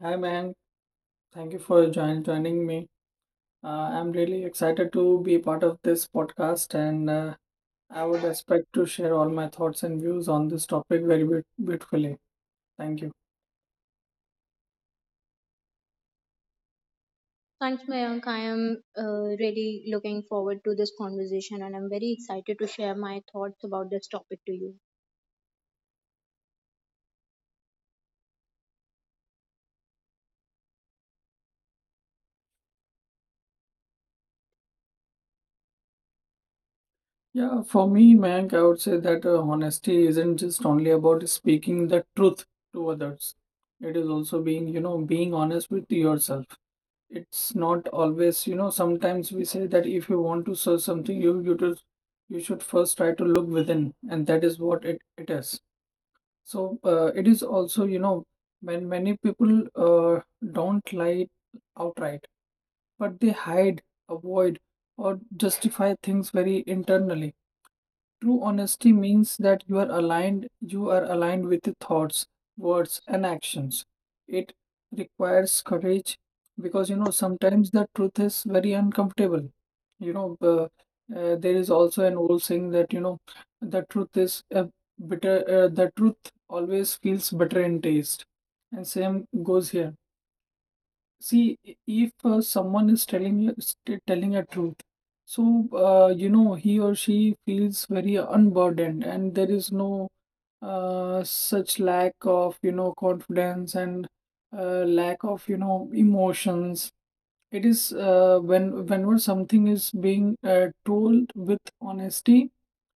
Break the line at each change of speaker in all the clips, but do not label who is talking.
Hi man, thank you for joining me. Uh, I'm really excited to be part of this podcast, and I would expect to share all my thoughts and views on this topic very beautifully. Thank you.
Thanks, Mayank. I am really looking forward to this conversation, and I'm very excited to share my thoughts about this topic to you.
Yeah, for me, Mayank, I would say that honesty isn't just only about speaking the truth to others. It is also being, you know, being honest with yourself. It's not always, you know, sometimes we say that if you want to search something, you should first try to look within, and that is what it is. So it is also, you know, when many people don't lie outright, but they hide, avoid, or justify things very internally. True honesty means that you are aligned with the thoughts, words, and actions. It requires courage because you know sometimes the truth is very uncomfortable. You know, uh, there is also an old saying that you know the truth is a the truth always feels bitter in taste, and same goes here. See, if someone is telling you telling a truth, so you know he or she feels very unburdened, and there is no such lack of you know confidence and lack of you know emotions. It is when whenever something is being told with honesty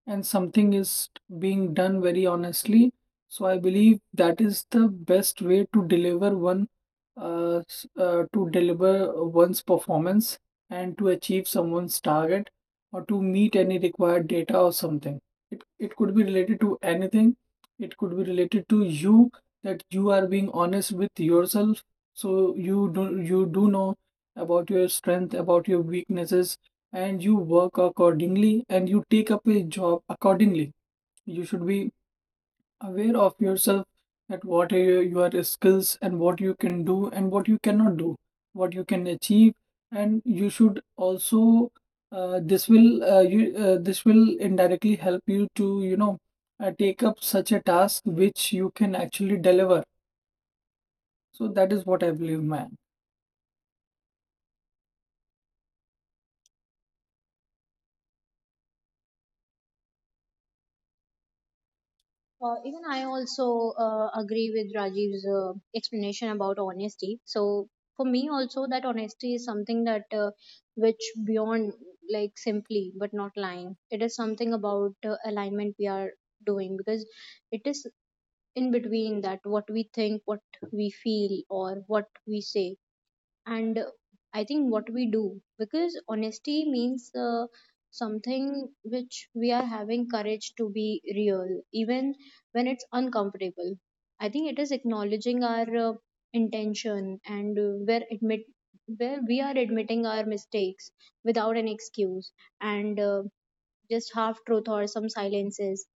and something is being done very honestly. So I believe that is the best way to deliver to deliver one's performance and to achieve someone's target or to meet any required data or something. It could be related to anything. It could be related to you that you are being honest with yourself. So you do know about your strength, about your weaknesses, and you work accordingly and you take up a job accordingly. You should be aware of yourself that what are your skills and what you can do and what you cannot do, what you can achieve, and you should also this will indirectly help you to take up such a task which you can actually deliver. So that is what I believe, man.
Even I also agree with Rajiv's explanation about honesty. So for me also, that honesty is something that which beyond like simply but not lying. It is something about alignment we are doing, because it is in between that what we think, what we feel, or what we say, and I think what we do. Because honesty means something which we are having courage to be real even when it's uncomfortable. I think it is acknowledging our intention and where admit, where we are admitting our mistakes without an excuse and just half truth or some silences.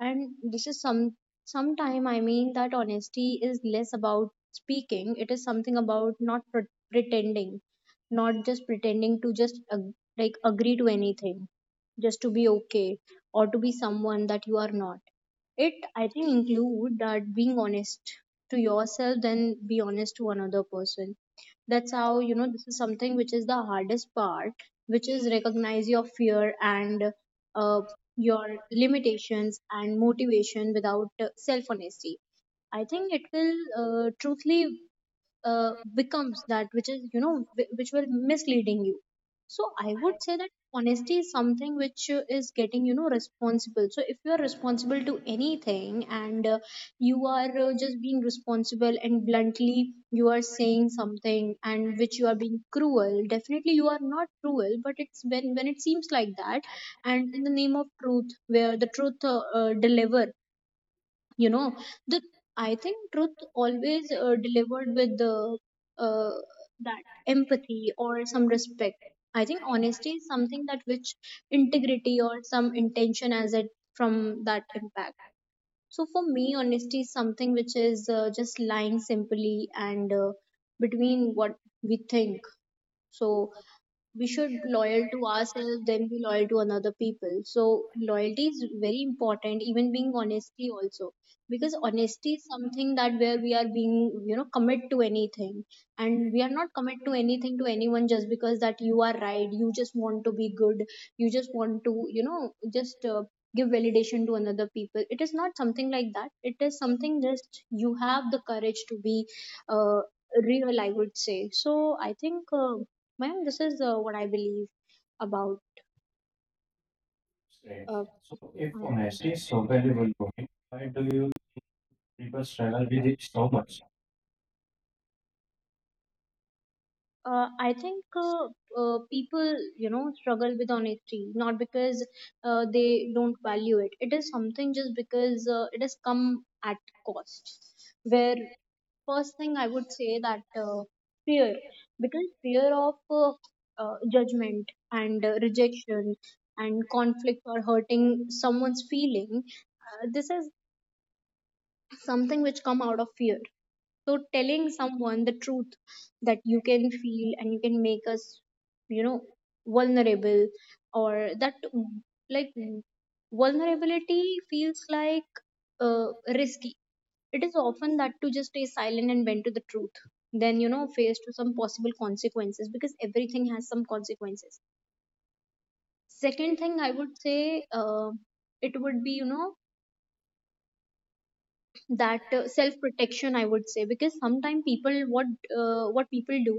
And this is some sometime, I mean, that honesty is less about speaking. It is something about not pretending, not just pretending to just like agree to anything just to be okay or to be someone that you are not. It, I think, include that being honest to yourself, then be honest to another person. That's how, you know, this is something which is the hardest part, which is recognize your fear and uh, your limitations and motivation without self honesty. I think it will truthfully becomes that, which is, you know, which will misleading you. So I would say that honesty is something which is, getting you know, responsible. So if you are responsible to anything and you are just being responsible and bluntly you are saying something and which you are being cruel, definitely you are not cruel, but it's when it seems like that. And in the name of truth, where the truth deliver, you know, the, I think truth always delivered with the uh, that empathy or some respect. I think honesty is something that which integrity or some intention as it from that impact. So for me, honesty is something which is just lying simply and between what we think. So we should loyal to ourselves, then be loyal to another people. So loyalty is very important even being honesty also, because honesty is something that where we are being, you know, commit to anything, and we are not commit to anything to anyone just because that you are right, you just want to be good, you just want to, you know, just give validation to another people. It is not something like that. It is something just you have the courage to be uh, real, I would say. So I think ma'am, this is what I believe about uh, honesty. I think people, you know, struggle with honesty not because they don't value it. It is something just because it has come at cost. Where first thing I would say that fear, because fear of judgment and rejection and conflict or hurting someone's feeling, this is something which come out of fear. So telling someone the truth that you can feel and you can make us, you know, vulnerable, or that like vulnerability feels like uh, risky, it is often that to just stay silent and bend to the truth then, you know, face to some possible consequences, because everything has some consequences. Second thing I would say, it would be, you know, that self protection, I would say, because sometimes people what people do,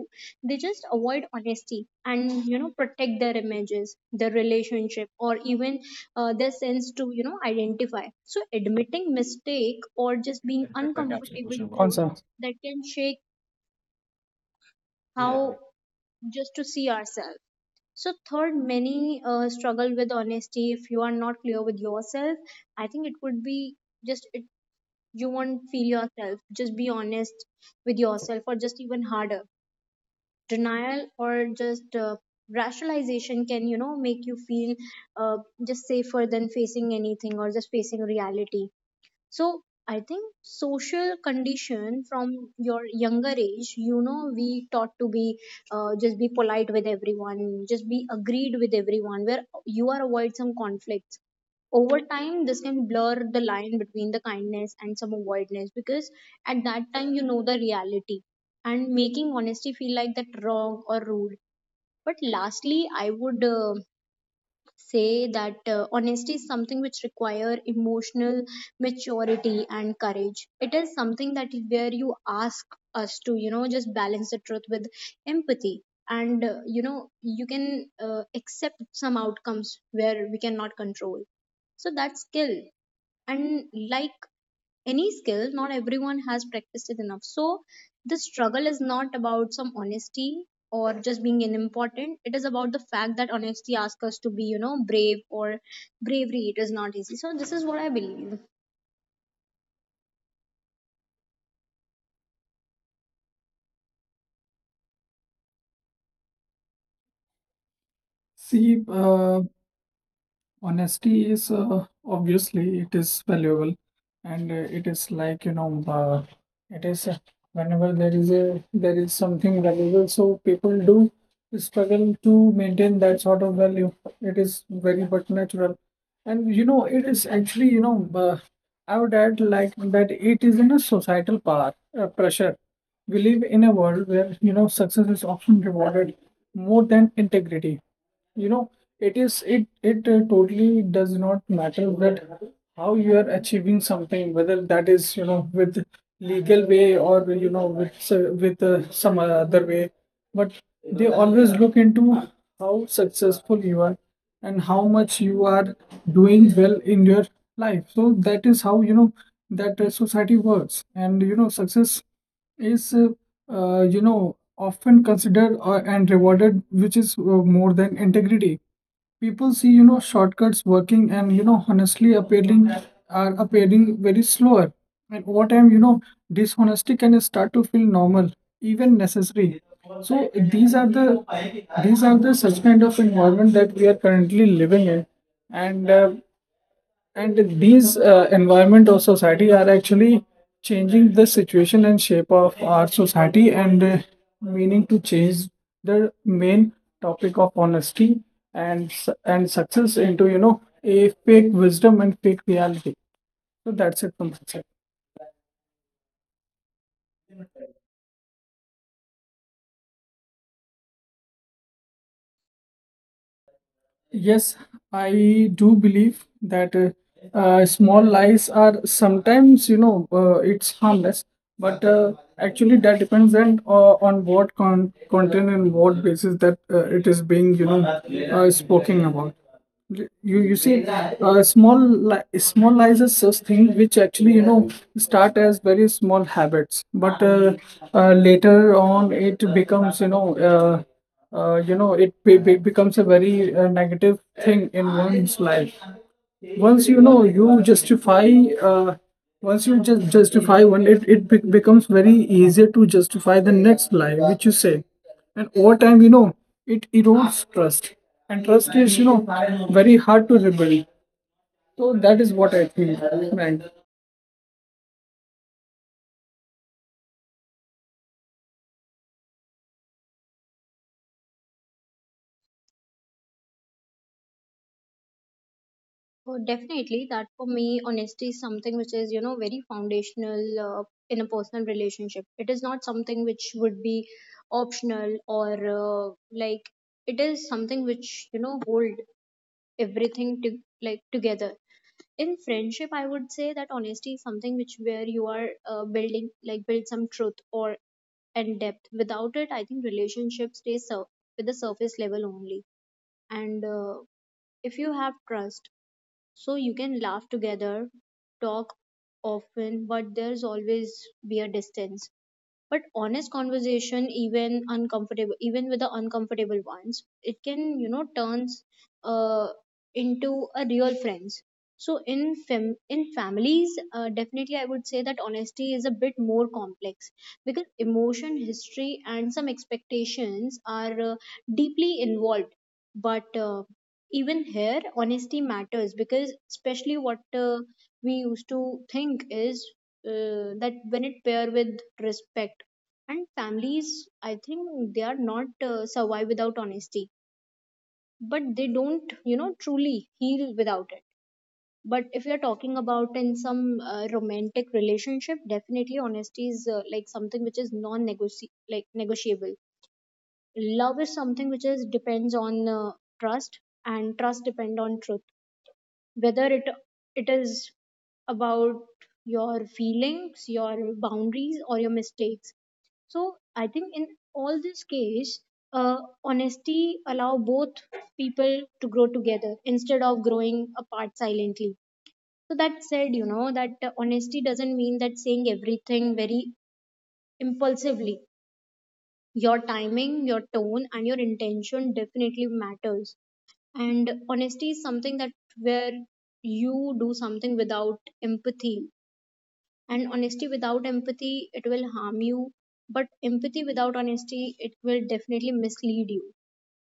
they just avoid honesty and, you know, protect their images, their relationship, or even their sense to, you know, identify. So admitting mistake or just being uncomfortable truth that can shake how just to see ourselves. So third, many struggle with honesty if you are not clear with yourself. I think it would be just it you won't feel yourself just be honest with yourself or just even harder. Denial or just rationalization can, you know, make you feel uh, just safer than facing anything or just facing reality. So I think social condition from your younger age, you know, we taught to be just be polite with everyone, just be agreed with everyone, where you are avoid some conflicts. Over time, this can blur the line between the kindness and some avoidance, because at that time you know the reality and making honesty feel like that wrong or rude. But lastly, I would say that honesty is something which require emotional maturity and courage. It is something that where you ask us to, you know, just balance the truth with empathy and you know, you can accept some outcomes where we cannot control. So that's skill, and like any skill, not everyone has practiced it enough. So the struggle is not about some honesty or just being unimportant. It is about the fact that honesty asks us to be, you know, brave or bravery. It is not easy. So this is what I believe.
See, honesty is obviously it is valuable, and it is like it is whenever there is a there is something valuable, so people do struggle to maintain that sort of value. It is very but natural, and you know it is actually I would add like that it is in a societal power pressure. We live in a world where you know success is often rewarded more than integrity. You know it is it it totally does not matter that how you are achieving something, whether that is you know with legal way or you know with s- with some other way, but they always look into how successful you are and how much you are doing well in your life. So that is how you know that society works, and you know success is you know often considered and rewarded, which is more than integrity. People see you know shortcuts working and you know honestly appearing very slower, and over time you know dishonesty can start to feel normal, even necessary. So these are the these are the such kind of environment that we are currently living in, and uh, and these environment or society are actually changing the situation and shape of our society, and meaning to change the main topic of honesty and and success into you know a fake wisdom and fake reality. So that's it from my side. Yes, I do believe that small lies are sometimes, you know, it's harmless, but actually that depends on what content and what basis that it is being, you know, spoken about. You see small lies, such things which actually you know start as very small habits, but later on it becomes uh, you know it becomes a very negative thing in one's life. Once you know you justify uh, once you just justify one, becomes very easier to justify the next lie which you say, and over time you know it erodes trust, and trust is you know very hard to rebuild. So that is what I think, man.
So definitely that for me, honesty is something which is, you know, very foundational uh, in a personal relationship. It is not something which would be optional or uh, like it is something which, you know, hold everything to like together. In friendship, I would say that honesty is something which where you are building like build some truth or and depth. Without it, I think relationship stays with the surface level only. And if you have trust, so you can laugh together, talk often, but there's always be a distance. But honest conversation, even uncomfortable, even with the uncomfortable ones, it can, you know, turns uh, into a real friends. So in in families, definitely I would say that honesty is a bit more complex, because emotion history and some expectations are deeply involved. But even here honesty matters, because especially what we used to think is that when it pair with respect and families, I think they are not survive without honesty, but they don't, you know, truly heal without it. But if you're talking about in some romantic relationship, definitely honesty is like something which is non like negotiable. Love is something which is depends on trust, and trust depend on truth, whether it is about your feelings, your boundaries, or your mistakes. So I think in all this case, uh, honesty allow both people to grow together instead of growing apart silently. So that said, you know, that honesty doesn't mean that saying everything very impulsively. Your timing, your tone, and your intention definitely matters. And honesty is something that where you do something without empathy, and honesty without empathy, it will harm you, but empathy without honesty, it will definitely mislead you.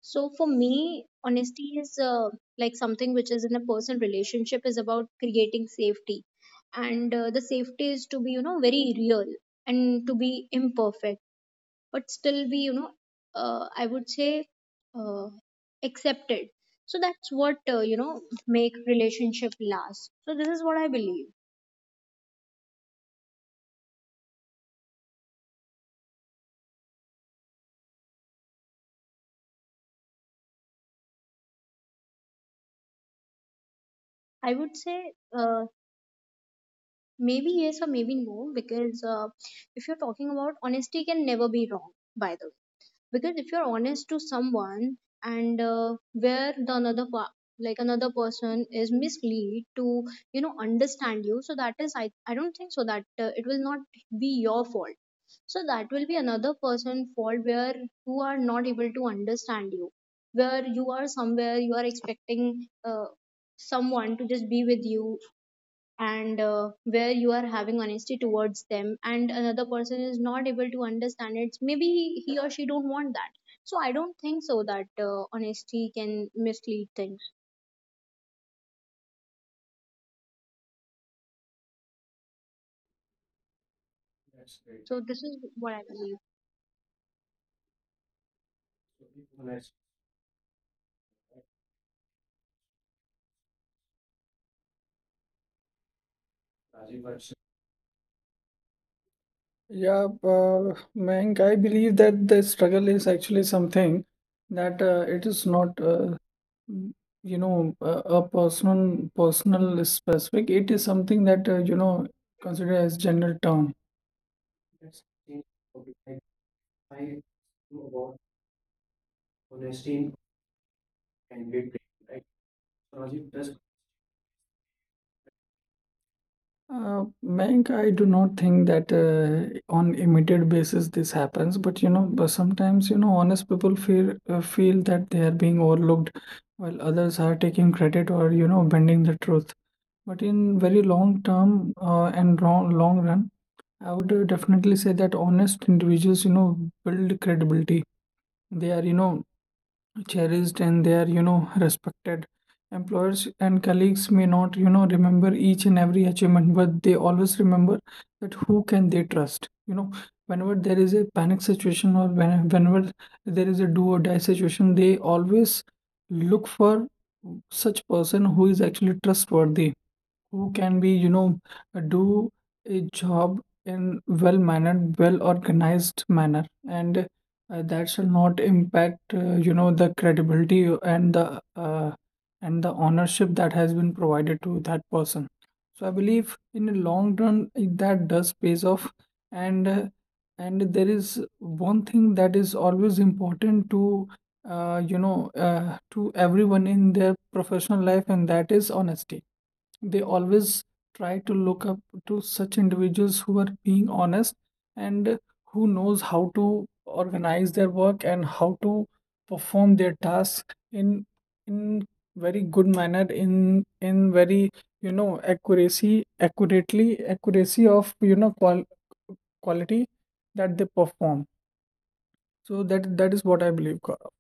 So for me, honesty is like something which is in a person relationship is about creating safety, and the safety is to be, you know, very real and to be imperfect but still be, you know, I would say uh, accepted. So that's what, you know, make relationship last. So this is what I believe. I would say, uh, maybe yes or maybe no, because if you're talking about honesty can never be wrong, by the way, because if you're honest to someone and where the another like another person is mislead to, you know, understand you, so that is I don't think so that it will not be your fault. So that will be another person fault, where who are not able to understand you, where you are somewhere you are expecting someone to just be with you and where you are having honesty towards them and another person is not able to understand it. Maybe he or she don't want that. So I don't think so that honesty can mislead things. So this is what I believe.
Yeah, Mayank, I believe that the struggle is actually something that it is not, mm, you know, a personal specific. It is something that you know considered as general term. Mayank, I do not think that on immediate basis this happens, but you know, but sometimes you know, honest people feel feel that they are being overlooked, while others are taking credit or you know, bending the truth. But in very long term, and long run, I would definitely say that honest individuals, you know, build credibility. They are, you know, cherished, and they are you know respected. Employers and colleagues may not you know remember each and every achievement, but they always remember that who can they trust. You know, whenever there is a panic situation, or whenever there is a do or die situation, they always look for such person who is actually trustworthy, who can be you know do a job in well mannered, well organized manner, and that shall not impact you know the credibility and the ownership that has been provided to that person. So I believe in the long run that does pays off, and uh, and there is one thing that is always important to you know to everyone in their professional life, and that is honesty. They always try to look up to such individuals who are being honest and who knows how to organize their work and how to perform their tasks in in very good manner, in very you know accuracy accurately, accuracy of you know quality that they perform. So that that is what I believe, Gaurav.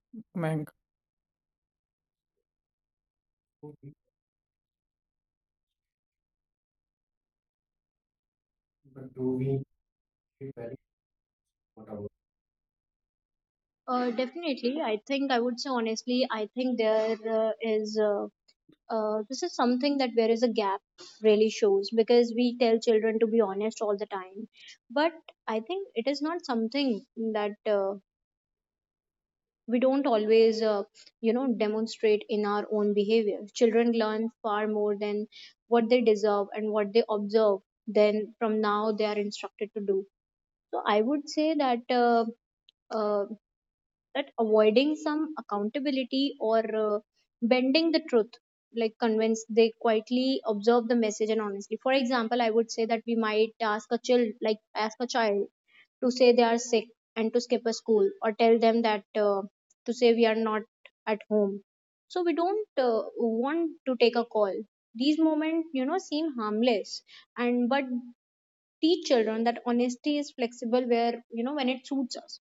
Definitely, I think I would say honestly, I think there is this is something that where is a gap really shows, because we tell children to be honest all the time, but I think it is not something that we don't always you know, demonstrate in our own behavior. Children learn far more than what they deserve and what they observe, then from now they are instructed to do. So I would say that uh, that avoiding some accountability or uh, bending the truth like convince, they quietly observe the message. And honestly, for example, I would say that we might ask a child like ask a child to say they are sick and to skip a school, or tell them that to say we are not at home so we don't want to take a call. These moments, you know, seem harmless, and but teach children that honesty is flexible where, you know, when it suits us.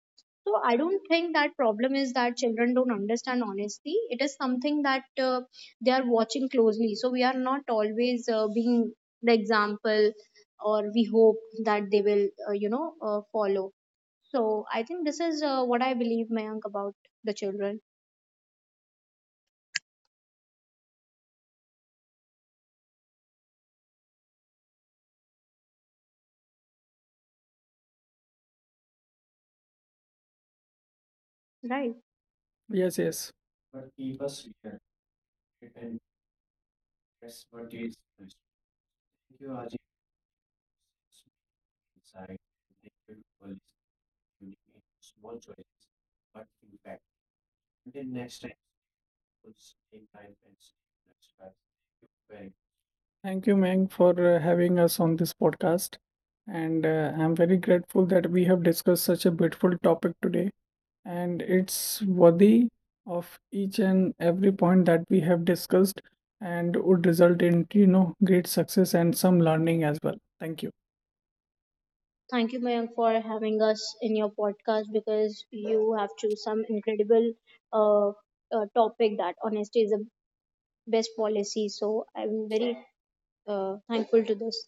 So I don't think that problem is that children don't understand honesty. It is something that they are watching closely. So we are not always being the example or we hope that they will you know follow. So I think this is what I believe, Mayank, about the children. Right.
Yes, yes. Thank you, Meng, for having us on this podcast. And I'm very grateful that we have discussed such a beautiful topic today. And it's worthy of each and every point that we have discussed, and would result in, you know, great success and some learning as well. Thank you.
Thank you, Mayank, for having us in your podcast, because you have choose some incredible uh, topic that honesty is the best policy. So I'm very thankful to this.